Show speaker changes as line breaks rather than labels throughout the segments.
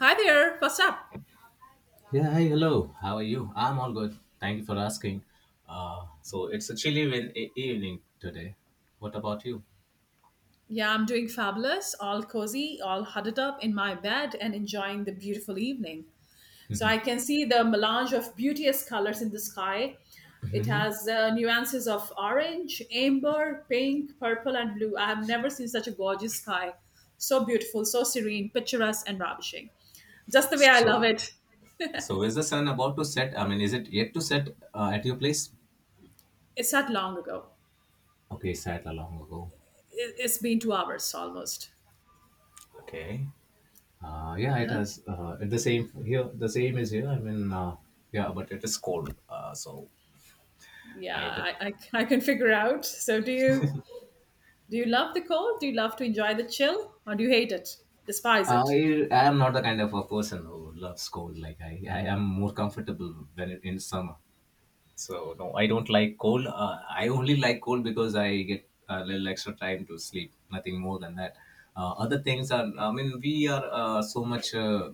Hi there, what's up?
Yeah, hi, hello. How are you? I'm all good. Thank you for asking. So it's a chilly evening today. What about you?
Yeah, I'm doing fabulous, all cozy, all huddled up in my bed and enjoying the beautiful evening. So I can see the melange of beauteous colors in the sky. It has nuances of orange, amber, pink, purple, and blue. I have never seen such a gorgeous sky. So beautiful, so serene, picturesque, and ravishing. Just the way I love
So,
it.
so is the sun about to set? I mean, is it yet to set at your place?
It's not long ago.
Okay, set a long ago.
It's been 2 hours almost.
Okay. Yeah, it
Uh-huh.
has. It the same here. The same is here. I mean, yeah, but it is cold. So
Yeah,
I, the,
I can figure out. Do you love the cold? Do you love to enjoy the chill? Or do you hate it? Despise it?
I am not the kind of a person who loves cold. Like I am more comfortable in summer. So no, I don't like cold. I only like cold because I get a little extra time to sleep. Nothing more than that. Other things are. I mean, we are so much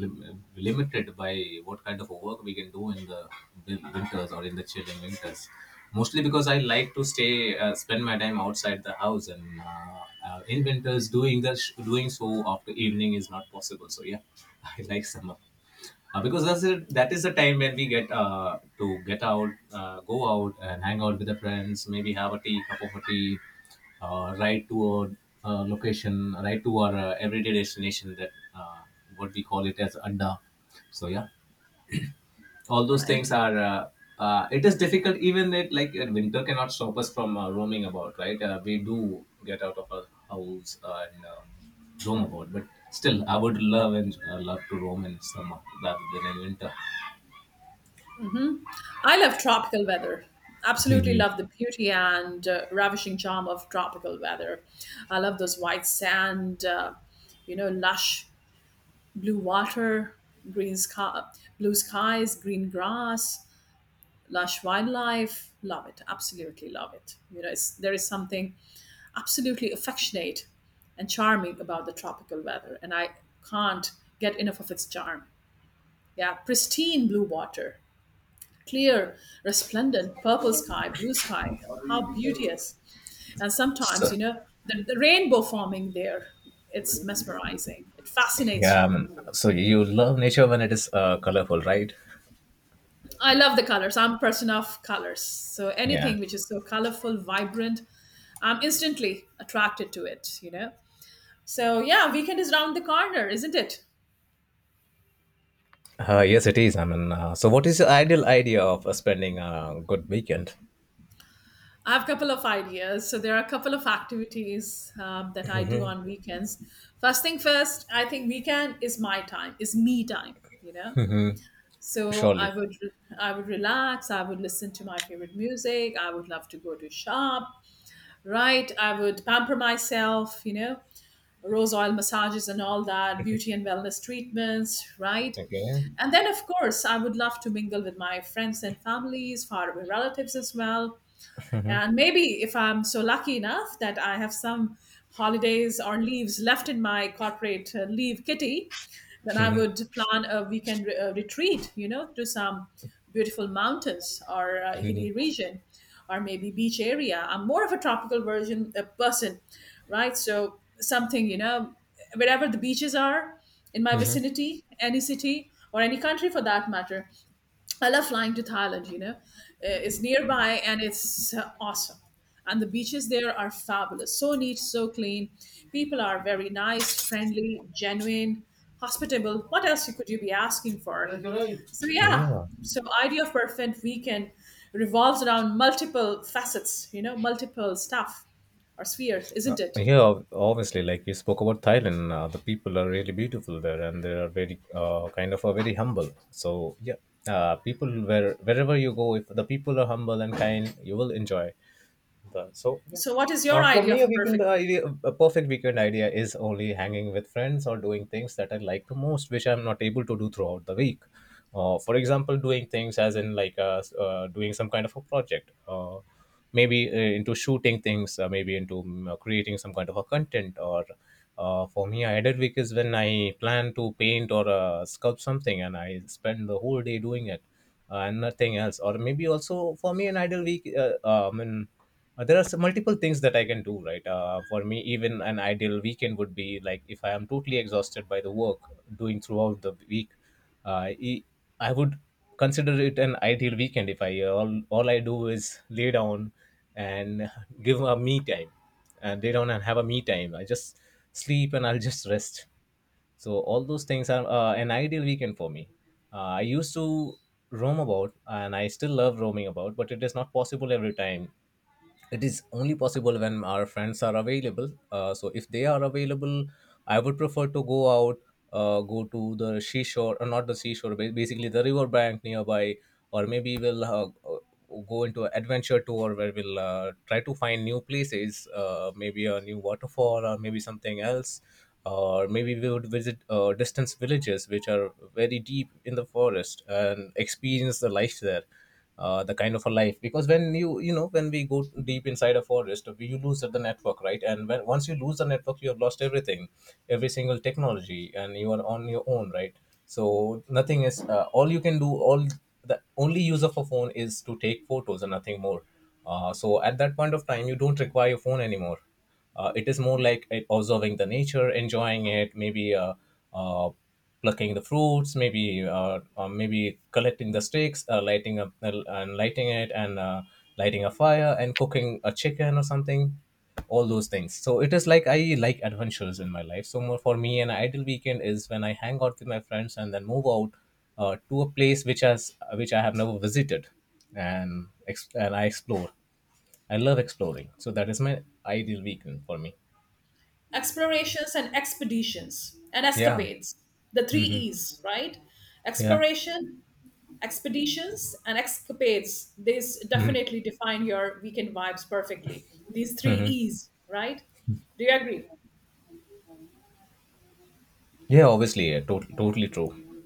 limited by what kind of a work we can do in the winters or in the chilling winters. Mostly because I like to stay, spend my time outside the house, and in winters doing doing so after evening is not possible. So yeah, I like summer because that is the time when we get to get out, go out and hang out with the friends, maybe have a tea, cup of a tea, ride to a location, ride to our everyday destination that uh, what we call it as adda. So yeah, all those
Right?
things are. It is difficult even that like winter cannot stop us from roaming about, right? We do get out of our house and roam about, but still I would love and love to roam in summer rather than in winter.
I love tropical weather. Absolutely
Mhm.
love the beauty and ravishing charm of tropical weather. I love those white sand, lush blue water, green sky, blue skies, green grass, lush wildlife. Love it. Absolutely love it. You know, there is something absolutely affectionate and charming about the tropical weather, and I can't get enough of its charm. Yeah, pristine blue water, clear, resplendent purple sky, blue sky. How beauteous! And sometimes,
So
you know, the rainbow forming there, it's mesmerizing. It fascinates
yeah, I
you.
mean, so you love nature when it is colorful, right?
I love the colors. I'm a person of colors. So
Yeah.
anything which is so colorful, vibrant, I'm instantly attracted to it, you know? So yeah, weekend is round the corner, isn't it?
Yes, it is. I mean, so what is your ideal idea of spending a good weekend?
I have a couple of ideas. So there are a couple of activities that I do on weekends. First thing first, I think weekend is my time, is me time. You know, so
Surely.
I would relax. I would listen to my favorite music. I would love to go to shop. Right. I would pamper myself. You know, rose oil massages and all that, beauty and wellness treatments. Right.
Okay.
And then, of course, I would love to mingle with my friends and families, far away relatives as well, and maybe if I'm so lucky enough that I have some holidays or leaves left in my corporate leave kitty, then I would plan a weekend retreat, you know, to some beautiful mountains or hilly region or maybe beach area. I'm more of a tropical version a person, right? So something, you know, wherever the beaches are in my vicinity, any city or any country for that matter, I love flying to Thailand, you know. It's nearby and it's awesome. And the beaches there are fabulous. So neat, so clean. People are very nice, friendly, genuine, hospitable. What else could you be asking for? So yeah,
Yeah.
so idea of perfect weekend revolves around multiple facets, you know, multiple stuff or spheres, isn't it?
Yeah, obviously, like you spoke about Thailand, the people are really beautiful there and they are very, kind of, very humble. So, yeah, people, wherever you go, if the people are humble and kind, you will enjoy. So yeah,
So what is your
for
idea
me,
of
a
a
weekend
perfect
idea, a perfect weekend idea is only hanging with friends or doing things that I like the most, which I'm not able to do throughout the week. For example, doing things as in like doing some kind of a project, maybe into shooting things, maybe into creating some kind of a content. Or for me, a idle week is when I plan to paint or sculpt something, and I spend the whole day doing it and nothing else. Or maybe also for me, an idle week, there are some multiple things that I can do, right? For me, even an ideal weekend would be like if I am totally exhausted by the work doing throughout the week, uh, e- I would consider it an ideal weekend if I all I do is lay down and give a me time, and lay down and have a me time. I just sleep and I'll just rest. So all those things are an ideal weekend for me. I used to roam about, and I still love roaming about, but it is not possible every time. It is only possible when our friends are available. So if they are available, I would prefer to go out. Go to the seashore, or not the seashore, basically the river bank nearby. Or maybe we'll go into an adventure tour where we'll try to find new places. Maybe a new waterfall or maybe something else. Or maybe we would visit distant villages which are very deep in the forest and experience the life there. The kind of a life, because when when we go deep inside a forest, you lose the network, right? And when once you lose the network, you have lost everything, every single technology, and you are on your own, right? So nothing is, all you can do, all the only use of a phone is to take photos and nothing more. So at that point of time you don't require your phone anymore. It is more like observing the nature, enjoying it, maybe uh, plucking the fruits, maybe maybe collecting the sticks, lighting up and lighting it, and lighting a fire and cooking a chicken or something. All those things. So it is like I like adventures in my life. So more for me, an ideal weekend is when I hang out with my friends and then move out to a place which I have never visited, and I explore. I love exploring. So that is my ideal weekend for me.
explorations and expeditions and
Yeah.
escapades, the three
Hmm.
E's, right?
Yeah.
Exploration, expeditions, and escapades, these
Hmm.
definitely define your weekend vibes perfectly, these three E's, right? Do you agree?
Yeah, obviously. Yeah, totally true.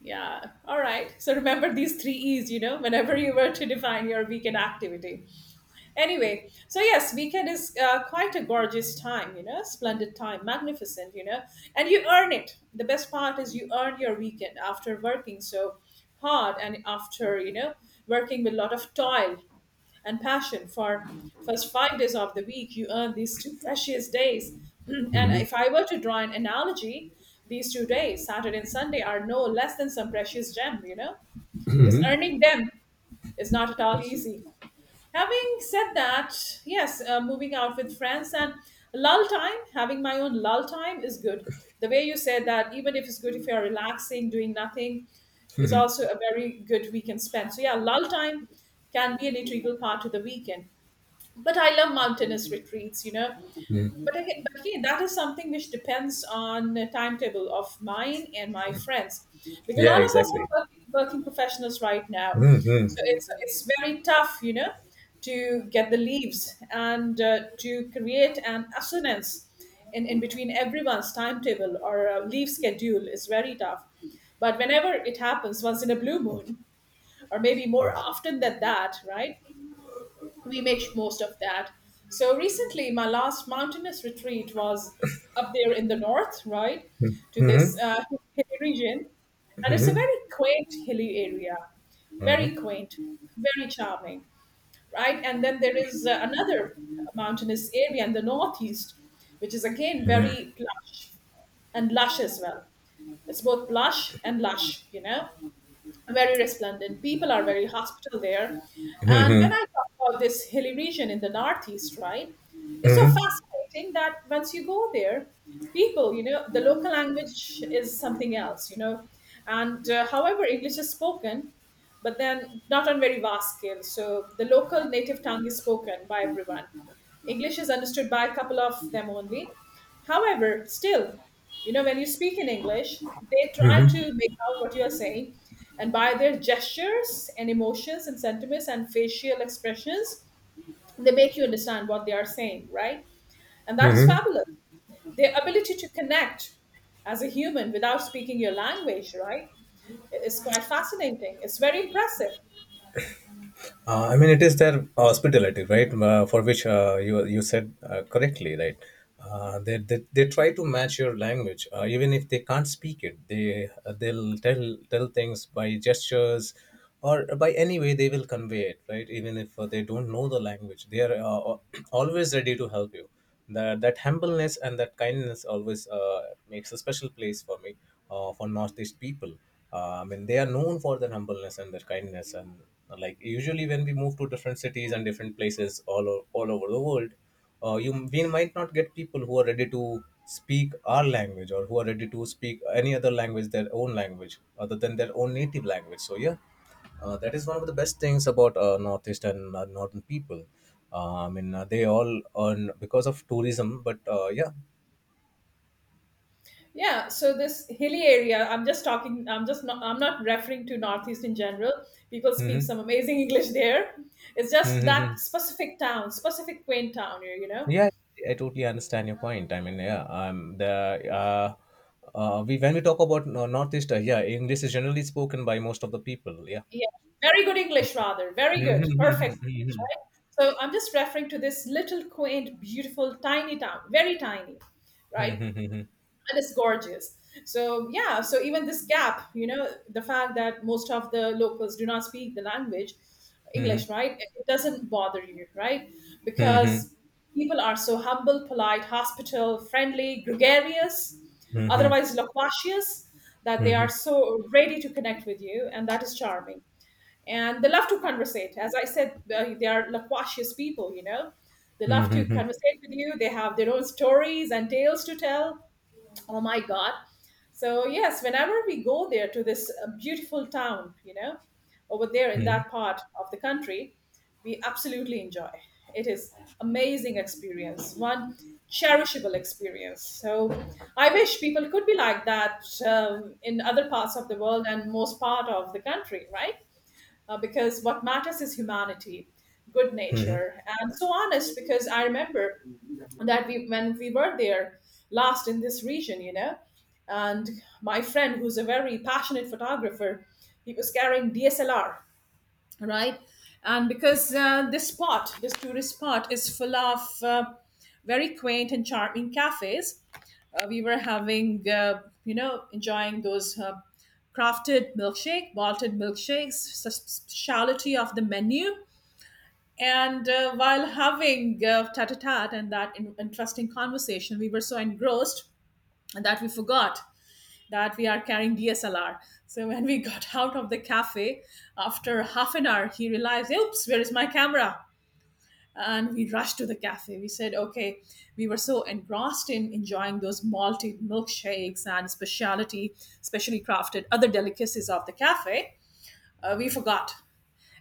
Yeah. All right. So remember these three E's, you know, whenever you were to define your weekend activity. Anyway, so yes, weekend is quite a gorgeous time, you know, splendid time, magnificent, you know, and you earn it. The best part is you earn your weekend after working so hard and after, you know, working with a lot of toil and passion for first 5 days of the week. You earn these two precious days. And if I were to draw an analogy, these two days, Saturday and Sunday, are no less than some precious gem, you know, because earning them is not at all easy. Having said that, yes, moving out with friends and lull time, having my own lull time is good. The way you said that, even if it's good, if you're relaxing doing nothing is also a very good weekend spend. So yeah, lull time can be an integral part of the weekend. But I love mountainous retreats, you know.
Mhm.
But again, that is something which depends on the timetable of mine and my friends, because all
Yeah,
of us are
exactly.
working, working professionals right now,
Hmm.
so
Hmm.
it's very tough, you know, to get the leaves and to create an assonance in between everyone's timetable or leave schedule is very tough. But whenever it happens, once in a blue moon, or maybe more often than that, right? We make most of that. So recently, my last mountainous retreat was up there in the north, right, to this hilly region, and it's a very quaint hilly area, very quaint, very charming, right? And then there is another mountainous area in the northeast, which is again very plush and lush as well. It's both plush and lush, you know, very resplendent. People are very hospitable there. And when
Hmm.
I talk about this hilly region in the Northeast, right, it's so fascinating that once you go there, people, you know, the local language is something else, you know. And however, English is spoken, but then not on very vast scale. So the local native tongue is spoken by everyone. English is understood by a couple of them only. However, still, you know, when you speak in English, they try to
Hmm.
make out what you are saying. And by their gestures and emotions and sentiments and facial expressions, they make you understand what they are saying, right? And that is
Hmm.
fabulous. Their ability to connect as a human without speaking your language, right? It's quite fascinating. It's very impressive.
I mean, it is their hospitality, right? For which you said correctly, right? They try to match your language, even if they can't speak it. They'll tell things by gestures, or by any way they will convey it, right? Even if they don't know the language, they are always ready to help you. That humbleness and that kindness always makes a special place for me for northeast people. I mean they are known for their humbleness and their kindness, and like usually when we move to different cities and different places all over the world, you we might not get people who are ready to speak our language, or who are ready to speak any other language, their own language other than their own native language. So yeah, that is one of the best things about northeast and northern people. I mean, they all earn because of tourism, but yeah.
Yeah, so this hilly area, I'm just not, I'm not referring to Northeast in general. People speak
Hmm.
some amazing English there. It's just that
Hmm.
specific town, specific quaint town here, you know?
Yeah, I totally understand your point. I mean, yeah, the uh, we when we talk about northeast, yeah, English is generally spoken by most of the people. Yeah.
Yeah, very good English, rather. Very good, perfect English,
Mhm.
right? So I'm just referring to this little quaint, beautiful, tiny town, very tiny, right?
Mhm.
And it's gorgeous. So yeah, so even this gap, you know, the fact that most of the locals do not speak the language, English,
Mhm.
right? It doesn't bother you, right?
Mhm. Mhm.
Because people are so humble, polite, hospitable, friendly, gregarious,
Mhm.
otherwise loquacious, that they are
Mhm.
so ready to connect with you, and that is charming. And they love to conversate. As I said, they are loquacious people, you know. They love to
Mhm.
conversate with you. They have their own stories and tales to tell. Oh my god, so yes, whenever we go there to this beautiful town, you know, over there in
Mhm.
that part of the country, we absolutely enjoy. It is amazing experience, one cherishable experience. So I wish people could be like that in other parts of the world and most part of the country, right? Because what matters is humanity, good
Mhm.
nature, and so honest. Because I remember that we when we were there last in this region, you know, and my friend who's a very passionate photographer, he was carrying DSLR, right? And because this spot, this tourist spot is full of very quaint and charming cafes, we were having, enjoying those crafted milkshake malted milkshakes, the speciality of the menu. And while having tat a tat and that interesting conversation, we were so engrossed that we forgot that we are carrying DSLR. So when we got out of the cafe, after half an hour, he realized, oops, where is my camera? And we rushed to the cafe. We said, okay, we were so engrossed in enjoying those malted milkshakes and specialty, specially crafted other delicacies of the cafe, we forgot.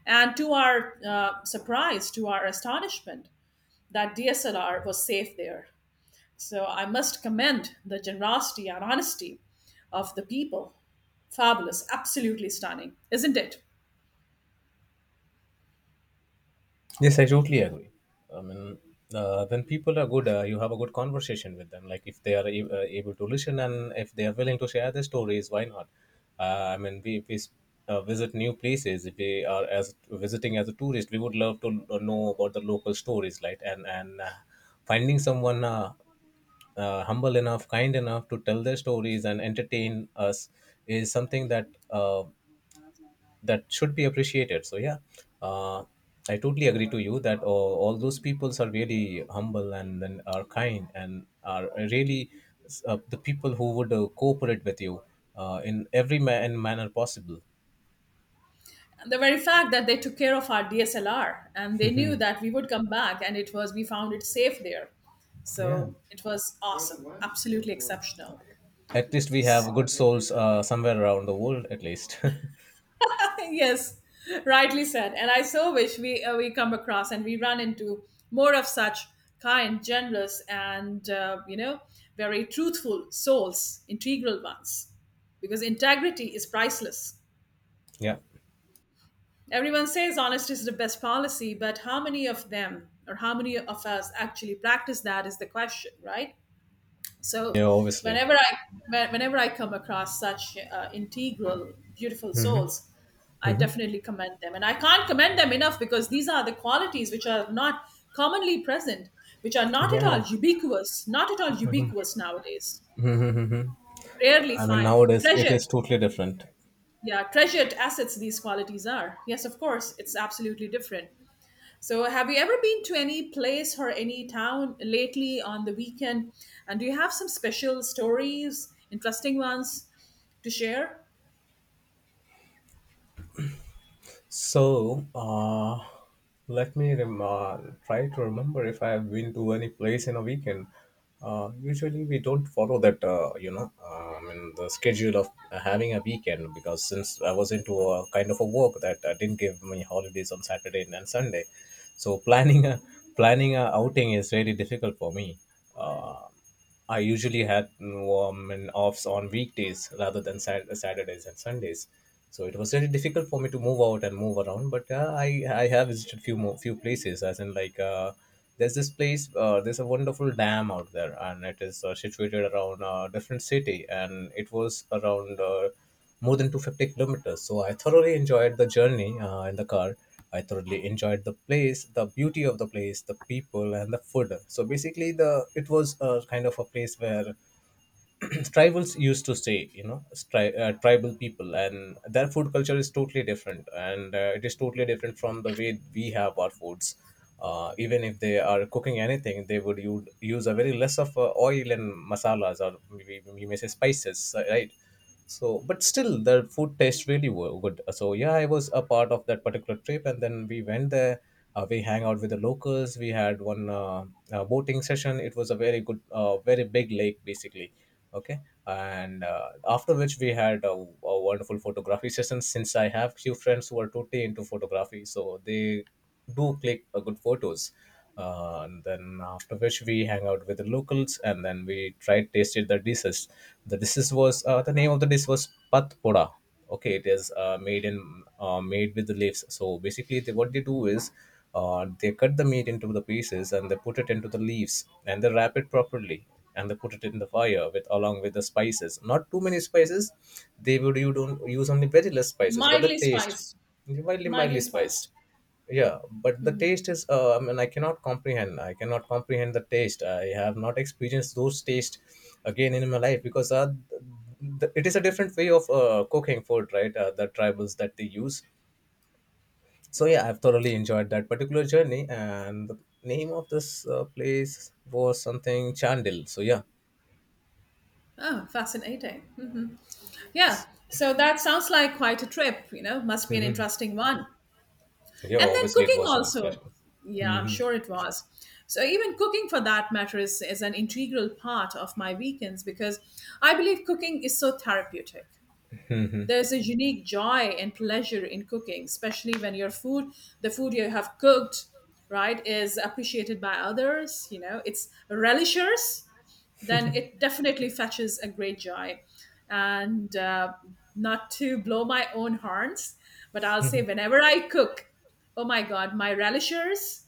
And to our surprise, to our astonishment, that DSLR was safe there. So I must commend the generosity and honesty of the people. Fabulous, absolutely stunning, isn't it?
Yes, I totally agree. I mean, when people are good, you have a good conversation with them. Like if they are able to listen and if they are willing to share their stories, why not? I mean, if we visit new places, if we are as visiting as a tourist, we would love to know about the local stories, right? And finding someone humble enough, kind enough to tell their stories and entertain us is something that should be appreciated. So yeah, uh, I totally agree to you that all those peoples are really humble and then are kind and are really the people who would cooperate with you in manner possible.
And the very fact that they took care of our DSLR and they knew that we would come back, and it was, we found it safe there.
Yeah,
So it was awesome, absolutely exceptional.
at least we have good souls somewhere around the world, at least.
Yes, rightly said. And I so wish we come across and we run into more of such kind, generous, and very truthful souls, integral ones, because integrity is priceless.
Yeah.
Everyone says honesty is the best policy, but how many of them or how many of us actually practice that is the question, right?
Yeah,
So
obviously.
whenever I, whenever I come across such integral, beautiful souls, I definitely commend them, and I can't commend them enough because these are the qualities which are not commonly present, which are not at
Yeah.
all ubiquitous, nowadays.
I
Rarely
mean
find
nowadays it
treasured,
is totally different.
yeah, treasured assets. These qualities are, yes, of course, it's absolutely different. So, have you ever been to any place or any town lately on the weekend? And do you have some special stories, interesting ones to share?
So, let me try to remember if I have been to any place in a weekend. Usually, we don't follow that, I mean, the schedule of having a weekend because since I was into a kind of a work that didn't give me holidays on Saturday and Sunday, so planning a outing is really difficult for me. Uh, I usually had an offs on weekdays rather than Saturdays and Sundays. So it was really difficult for me to move out and move around. But I have visited few more, few places, as in like there's a wonderful dam out there, and it is situated around a different city, and it was around more than 250 kilometers. So I thoroughly enjoyed the journey in the car. I thoroughly enjoyed the place, the beauty of the place, the people, and the food. So basically, the it was a kind of a place where tribals used to stay. You know, tribal people, and their food culture is totally different, and it is totally different from the way we have our foods. Even if they are cooking anything, they would use a very less of oil and masalas, or maybe we may say spices, right? So, but still, the food tastes really good. So, yeah, I was a part of that particular trip, and then we went there. We hang out with the locals. We had one boating session. It was a very big lake, basically. Okay, and after which we had a wonderful photography session. Since I have few friends who are totally into photography, so they do click good photos. And then after which we hang out with the locals and then we tried tasted the dishes. The dishes was the name of the dish was pat poda. Okay, it is made with the leaves. So basically, what they do is they cut the meat into the pieces and they put it into the leaves and they wrap it properly and they put it in the fire with along with the spices. Not too many spices. They would you don't use only very less spices, but the
Mildly
taste
spiced.
mildly
Mildly
mildly spice.
spiced.
Yeah, but the taste is I mean, I cannot comprehend the taste. I have not experienced those taste again in my life because it is a different way of cooking food, right? The tribals that they use. So yeah, I've thoroughly enjoyed that particular journey, and the name of this place was something Chandil. So yeah.
Oh, fascinating. Yeah. So that sounds like quite a trip, you know, must be an
Hmm.
interesting one.
Yeah,
And then
obviously it
cooking
was on
also.
special.
Yeah, I'm
Hmm.
sure it was. So even cooking for that matter is an integral part of my weekends because I believe cooking is so therapeutic. There's a unique joy and pleasure in cooking, especially when your the food you have cooked, right, is appreciated by others. You know, it's relishers, then it definitely fetches a great joy. And Not to blow my own horns, but I'll say whenever I cook, oh my God, my relishers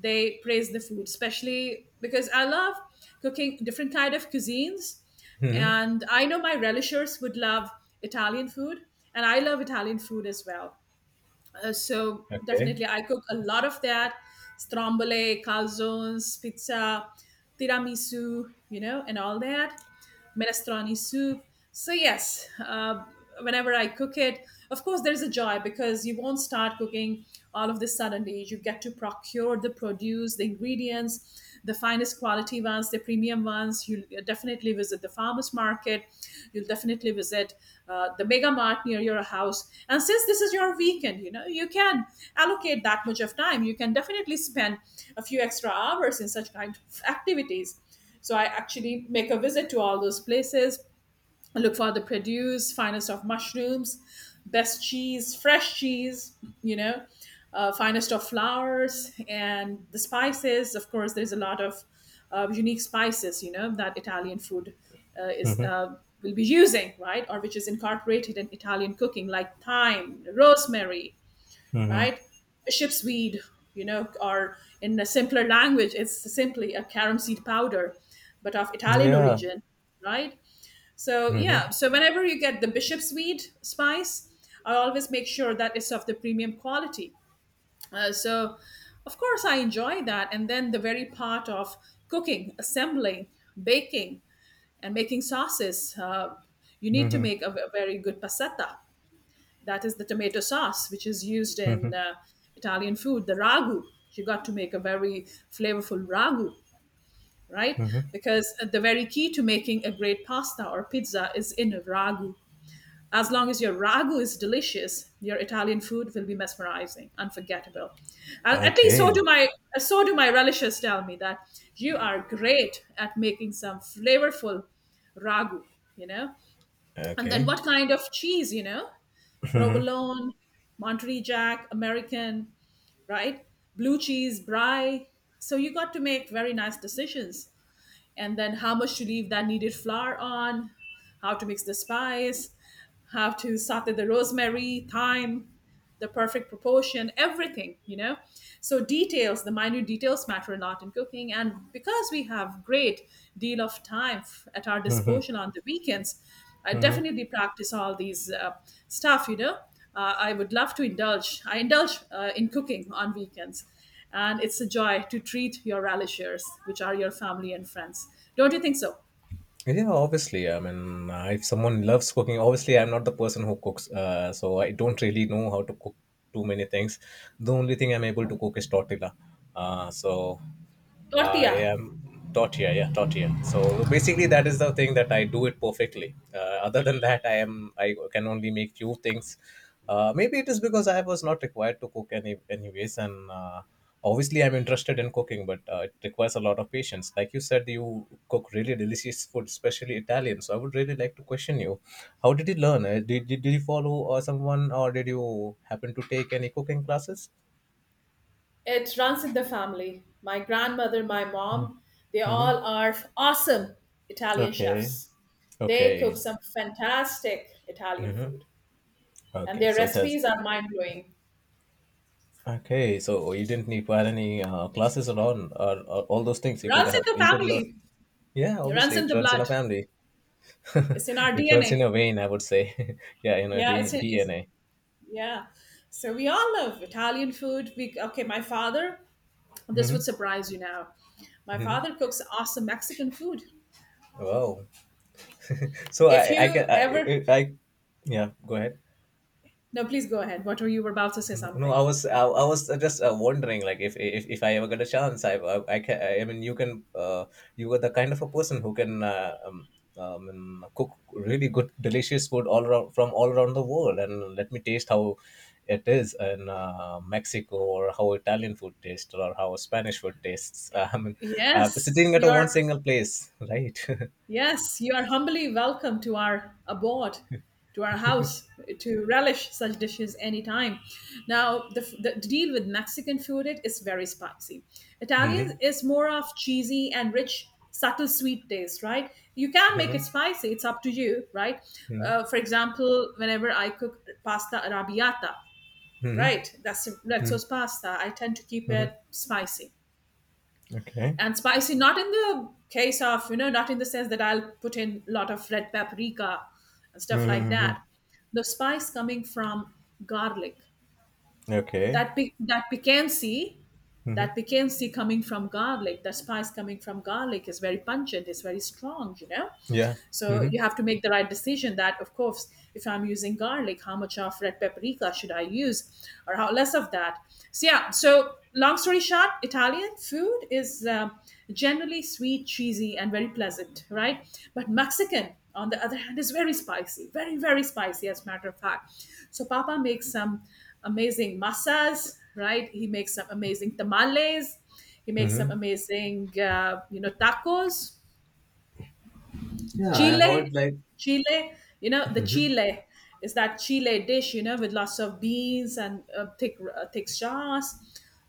they praise the food, especially because I love cooking different kind of cuisines,
Hmm.
and I know my relishers would love Italian food, and I love Italian food as well. So
Okay.
definitely, I cook a lot of that: stromboli, calzones, pizza, tiramisu, you know, and all that minestrone soup. So yes, whenever I cook it, of course there's a joy because you won't start cooking all of this suddenly. You get to procure the produce, the ingredients, the finest quality ones, the premium ones. You'll definitely visit the farmers market. You'll definitely visit the mega mart near your house. And since this is your weekend, you know you can allocate that much of time. You can definitely spend a few extra hours in such kind of activities. So I actually make a visit to all those places, look for the produce, finest of mushrooms, best cheese, fresh cheese, you know, finest of flowers, and the spices. Of course, there's a lot of unique spices, you know, that Italian food is. Will be using, right? Or which is incorporated in Italian cooking, like thyme, rosemary,
Hmm.
right? Bishop's weed, you know, or in a simpler language, it's simply a carom seed powder, but of Italian
Yeah.
origin, right? So, yeah,
Hmm.
so whenever you get the bishop's weed spice, I always make sure that it's of the premium quality. Uh, so, of course, I enjoy that. And then the very part of cooking, assembling, baking, and making sauces, you need to make a very good passata, that is the tomato sauce, which is used
Hmm.
in Italian food, the ragu. You got to make a very flavorful ragu, right? Because the very key to making a great pasta or pizza is in ragu. As long as your ragu is delicious, your Italian food will be mesmerizing, unforgettable. At least so
Okay.
do my relishes tell me that you are great at making some flavorful ragu, you know. And then
Okay.
what kind of cheese, you know? Provolone, Monterey Jack, American, right? Blue cheese, brie. So you got to make very nice decisions. And then how much to leave that needed flour on, how to mix the spice, how to saute the rosemary, thyme, the perfect proportion, everything, you know. So details, the minute details matter a lot in cooking. And because we have great deal of time at our
Hmm.
disposal on the weekends, I
Hmm.
definitely practice all these stuff, you know. I would love to indulge. I indulge in cooking on weekends. And it's a joy to treat your relishers, which are your family and friends. Don't you think so?
Yeah, obviously. I mean, if someone loves cooking, obviously, I'm not the person who cooks, so I don't really know how to cook too many things. The only thing I'm able to cook is tortilla. So I
Tortilla.
am tortilla, yeah, tortilla. So basically, that is the thing that I do it perfectly. Other than that, I can only make few things. Maybe it is because I was not required to cook anyways, and. Obviously, I'm interested in cooking, but it requires a lot of patience. Like you said, you cook really delicious food, especially Italian. So I would really like to question you, how did you learn? Did you follow someone, or did you happen to take any cooking classes?
It runs in the family. My grandmother, my mom, they
Mm-hmm.
all are awesome Italian
Okay.
chefs. They
Okay.
cook some fantastic Italian
Mm-hmm.
food, and
Okay,
their
so it has.
recipes are mind blowing.
Okay, so you didn't require any classes at all, or all those things you could
Runs in
have,
the
you could learn.
family.
Yeah,
It runs
obviously
in
it
the
runs in
blood.
a family.
It's in our
It runs in
DNA.
a vein, I would say. Yeah, in a
Yeah, it's, it's
DNA.
yeah. So we all love Italian food. We okay. My father. This
Hmm.
would surprise you now. My
Hmm.
father cooks awesome Mexican food.
Wow. So
If
I, I
you
can, I,
ever,
I, I, yeah, go ahead.
no, please go ahead. What were you were about to say
No, no,
something?
I was just wondering like, if I ever get a chance, I can, I mean, you can you are the kind of a person who can and cook really good delicious food all around, from all around the world, and let me taste how it is in Mexico, or how Italian food tastes, or how Spanish food tastes. I mean,
Yes,
sitting at a one
you're
single place, right?
yes, you are humbly welcome to our abode, to our house, to relish such dishes anytime. Now, the deal with Mexican food, it is very spicy. Italian
Hmm.
is more of cheesy and rich, subtle sweet taste, right? You can make it
Hmm.
spicy. It's up to you, right?
Hmm.
For example, whenever I cook pasta arrabbiata,
Hmm.
right? That's red
Hmm.
sauce pasta. I tend to keep it
Hmm.
spicy,
Okay.
and spicy not in the case of, you know, not in the sense that I'll put in a lot of red paprika and stuff like
Hmm.
that. The spice coming from garlic,
Okay.
that that piquancy, that
Hmm.
piquancy coming from garlic, that spice coming from garlic is very pungent, it's very strong, you know.
Yeah.
So
Mm-hmm.
you have to make the right decision, that of course, if I'm using garlic, how much of red paprika should I use or how less of that. So yeah, so long story short, Italian food is generally sweet, cheesy, and very pleasant, right? But Mexican on the other hand is very spicy, very very spicy, as a matter of fact. So papa makes some amazing masas, right? He makes some amazing tamales. He makes some
Mm-hmm.
amazing, you know, tacos.
Yeah, I
Chile,
heard like.
chile, you know, the chile is that chile dish, you know, with lots of beans and thick sauce,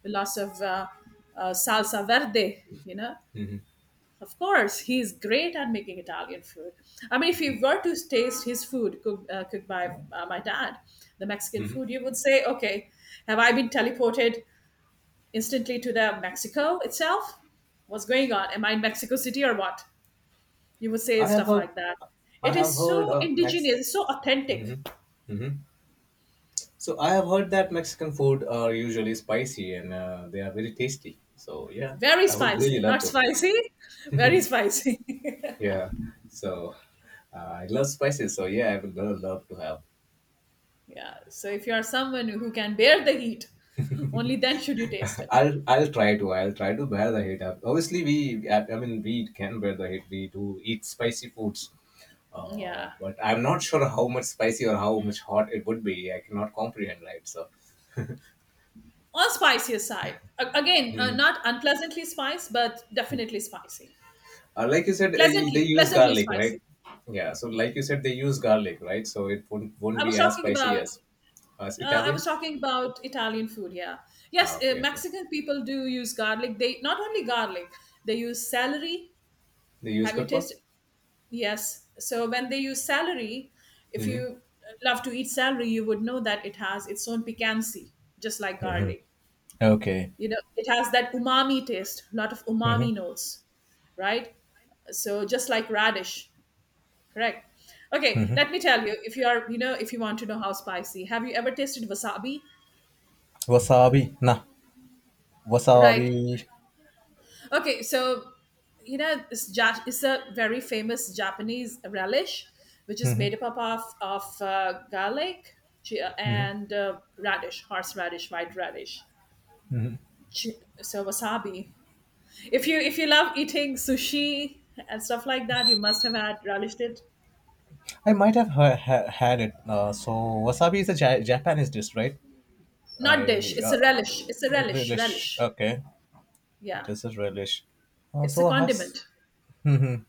with lots of salsa verde, you know.
Mm-hmm.
Of course, he's great at making Italian food. I mean, if you were to taste his food cooked by my dad, the Mexican food,
Mm-hmm.
you would say, okay, have I been teleported instantly to the Mexico itself. What's going on? Am I in Mexico City or what? You would say
I have
stuff
heard
like that. It
I have
is
heard
so
Mex.
indigenous, so authentic,
Mm-hmm. Mm-hmm. So I have heard that Mexican food are usually spicy, and they are very tasty. So yeah,
very
I would really
spicy,
love
not
to.
spicy, very spicy.
Yeah. So I love spices. So yeah, I would love to have.
yeah. So if you are someone who can bear the heat, only then should you taste it.
I'll try to bear the heat. Obviously, I mean we can bear the heat. We do eat spicy foods,
Yeah.
but I'm not sure how much spicy or how much hot it would be. I cannot comprehend, right? So,
On spicier side, again,
mhm.
not unpleasantly spiced, but definitely spicy.
Like you said, they
Pleasantly,
use
pleasantly
garlic,
spicy.
right? Yeah. So, like you said, they use garlic, right? So it
I
won't
was
be as
talking
spicy
about
as
I was
Italian.
talking about Italian food. Yeah, yes,
Ah, okay, okay.
Mexican people do use garlic. They not only garlic, they use celery.
They use
Have you
pepper.
tasted? Yes. So when they use celery, if
Mm-hmm.
you love to eat celery, you would know that it has its own piquancy, just like garlic.
Okay.
You know, it has that umami taste, a lot of umami notes, right? So just like radish, correct? Okay, let me tell you. If you are, you know, if you want to know how spicy, have you ever tasted wasabi?
Wasabi. Nah,
Right.
wasabi.
Okay, so you know it's a very famous Japanese relish, which is made up of garlic, chi-
Mhm.
and uh, radish, horseradish, white radish. Chi- So wasabi. If you love eating sushi and stuff like that, you must have had relished it.
I might have had it. So wasabi is a Japanese dish, right?
Not dish.
I
It's a relish. It's a relish.
Relish.
Relish.
Okay,
Yeah.
it is a relish.
It's a
So I have.
condiment.
Mhm.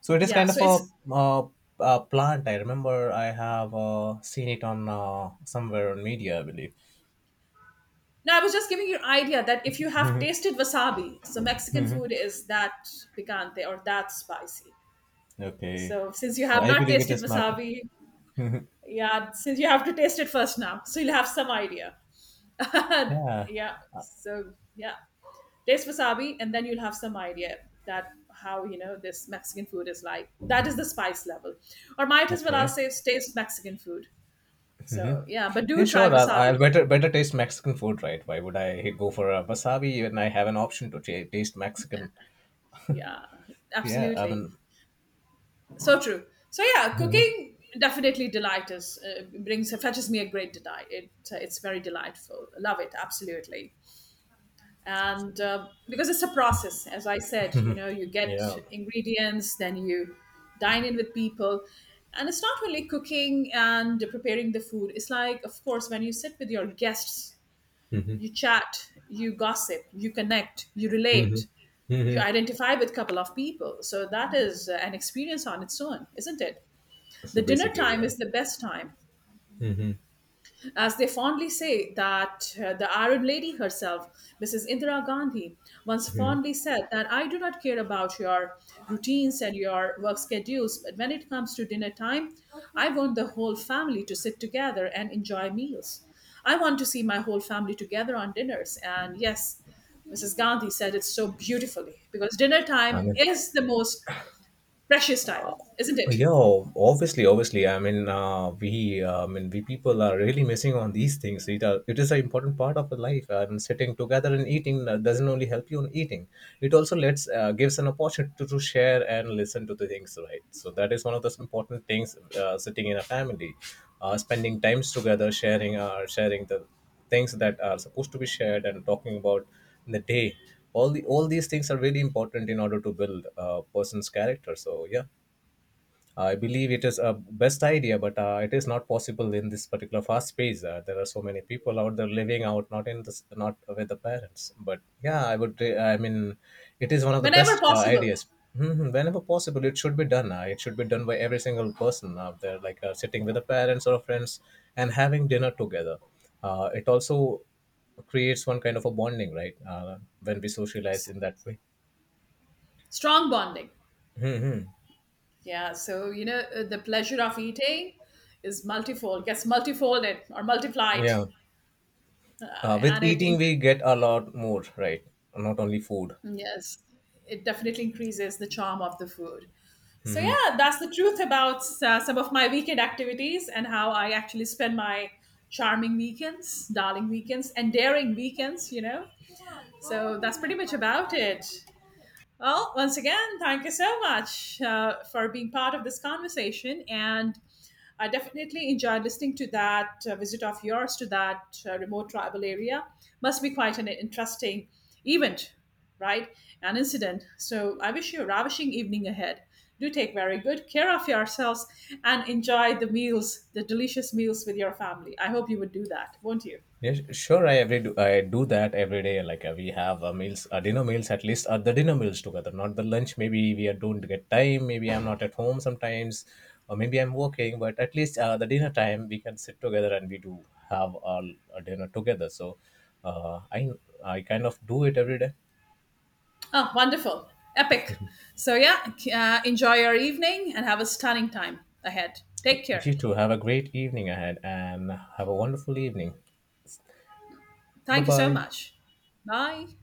So it is
Yeah.
kind of
So it's
uh, a plant. I remember I have seen it on somewhere on media, I believe.
No, I was just giving you an idea that if you have tasted wasabi, so Mexican food is that picante or that spicy.
Okay,
So since you
so
have
I
not
believe it
tasted
is not.
wasabi, yeah, since you have to taste it first now, so you'll have some idea.
Yeah.
yeah, so yeah, taste wasabi and then you'll have some idea that how you know this Mexican food is like. That is the spice level, or might as well I'll
Okay.
say is taste Mexican food. So yeah, but do
Yeah,
try
sure. I'll,
wasabi.
I'll better better taste Mexican food, right? Why would I go for a wasabi when I have an option to ta taste Mexican?
Yeah,
Yeah, I
absolutely.
mean,
So true. So yeah,
mhm.
cooking definitely delight us. Brings Fetches me a great delight. It it's very delightful. Love it absolutely. And Because it's a process, as I said, you know, you get
Yeah.
ingredients, then you dine in with people, and it's not only cooking and preparing the food. It's like, of course, when you sit with your guests,
Hmm.
you chat, you gossip, you connect, you relate,
Hmm.
you
Hmm.
identify with a couple of people. So that is an experience on its own, isn't it?
So
The dinner
basically,
time
yeah.
is the best time,
Hmm.
as they fondly say that the Arab lady herself, Mrs. Indira Gandhi, once
Hmm.
fondly said that I do not care about your routines and your work schedules, but when it comes to dinner time, I want the whole family to sit together and enjoy meals. I want to see my whole family together on dinners. And yes, Mrs. Gandhi said it so beautifully because dinner
I
time
mean,
is the most precious time, isn't it?
well, yeah, obviously, obviously. I mean, I mean, we people are really missing on these things. It is an important part of the life. I mean, sitting together and eating doesn't only help you in eating. It also lets gives an opportunity to share and listen to the things, right? So that is one of the important things. Sitting in a family, spending times together, sharing the things that are supposed to be shared, and talking about in the day. All these things are really important in order to build a person's character. So yeah. I believe it is a best idea, but it is not possible in this particular fast pace. There are so many people out there living out, not in this, not with the parents. But yeah, I would. I mean, it is one of the
Whenever
best
possible,
ideas. Mhm. Whenever possible, it should be done. It should be done by every single person out there, like sitting with the parents or friends and having dinner together. It also creates one kind of a bonding, right? When we socialize in that way.
strong bonding.
Hmm.
Yeah, so you know the pleasure of eating is multifold, gets multifolded or multiplied,
Yeah.
uh,
With
and it
eating,
inc-
we get a lot more, right? Not only food.
yes, it definitely increases the charm of the food. So
Hmm.
yeah, that's the truth about some of my weekend activities and how I actually spend my charming weekends, darling weekends, and daring weekends. You know, so that's pretty much about it. Well, once again, thank you so much for being part of this conversation. And I definitely enjoyed listening to that visit of yours to that remote tribal area. Must be quite an interesting event, right? An incident. So I wish you a ravishing evening ahead. Do take very good care of yourselves and enjoy the meals, the delicious meals with your family. I hope you would do that, won't you?
Yes, sure. I do that every day. Like dinner meals at least, the dinner meals together, not the lunch. Don't get time. Maybe I'm not at home sometimes, or maybe I'm working. But at least the dinner time we can sit together and we do have a dinner together. So uh, I I kind of do it every day.
Oh, wonderful. Epic. So, yeah, enjoy your evening and have a stunning time ahead. Take care.
You too. Have a great evening ahead, and have a wonderful evening. Bye
Thank you so
bye.
much. Bye.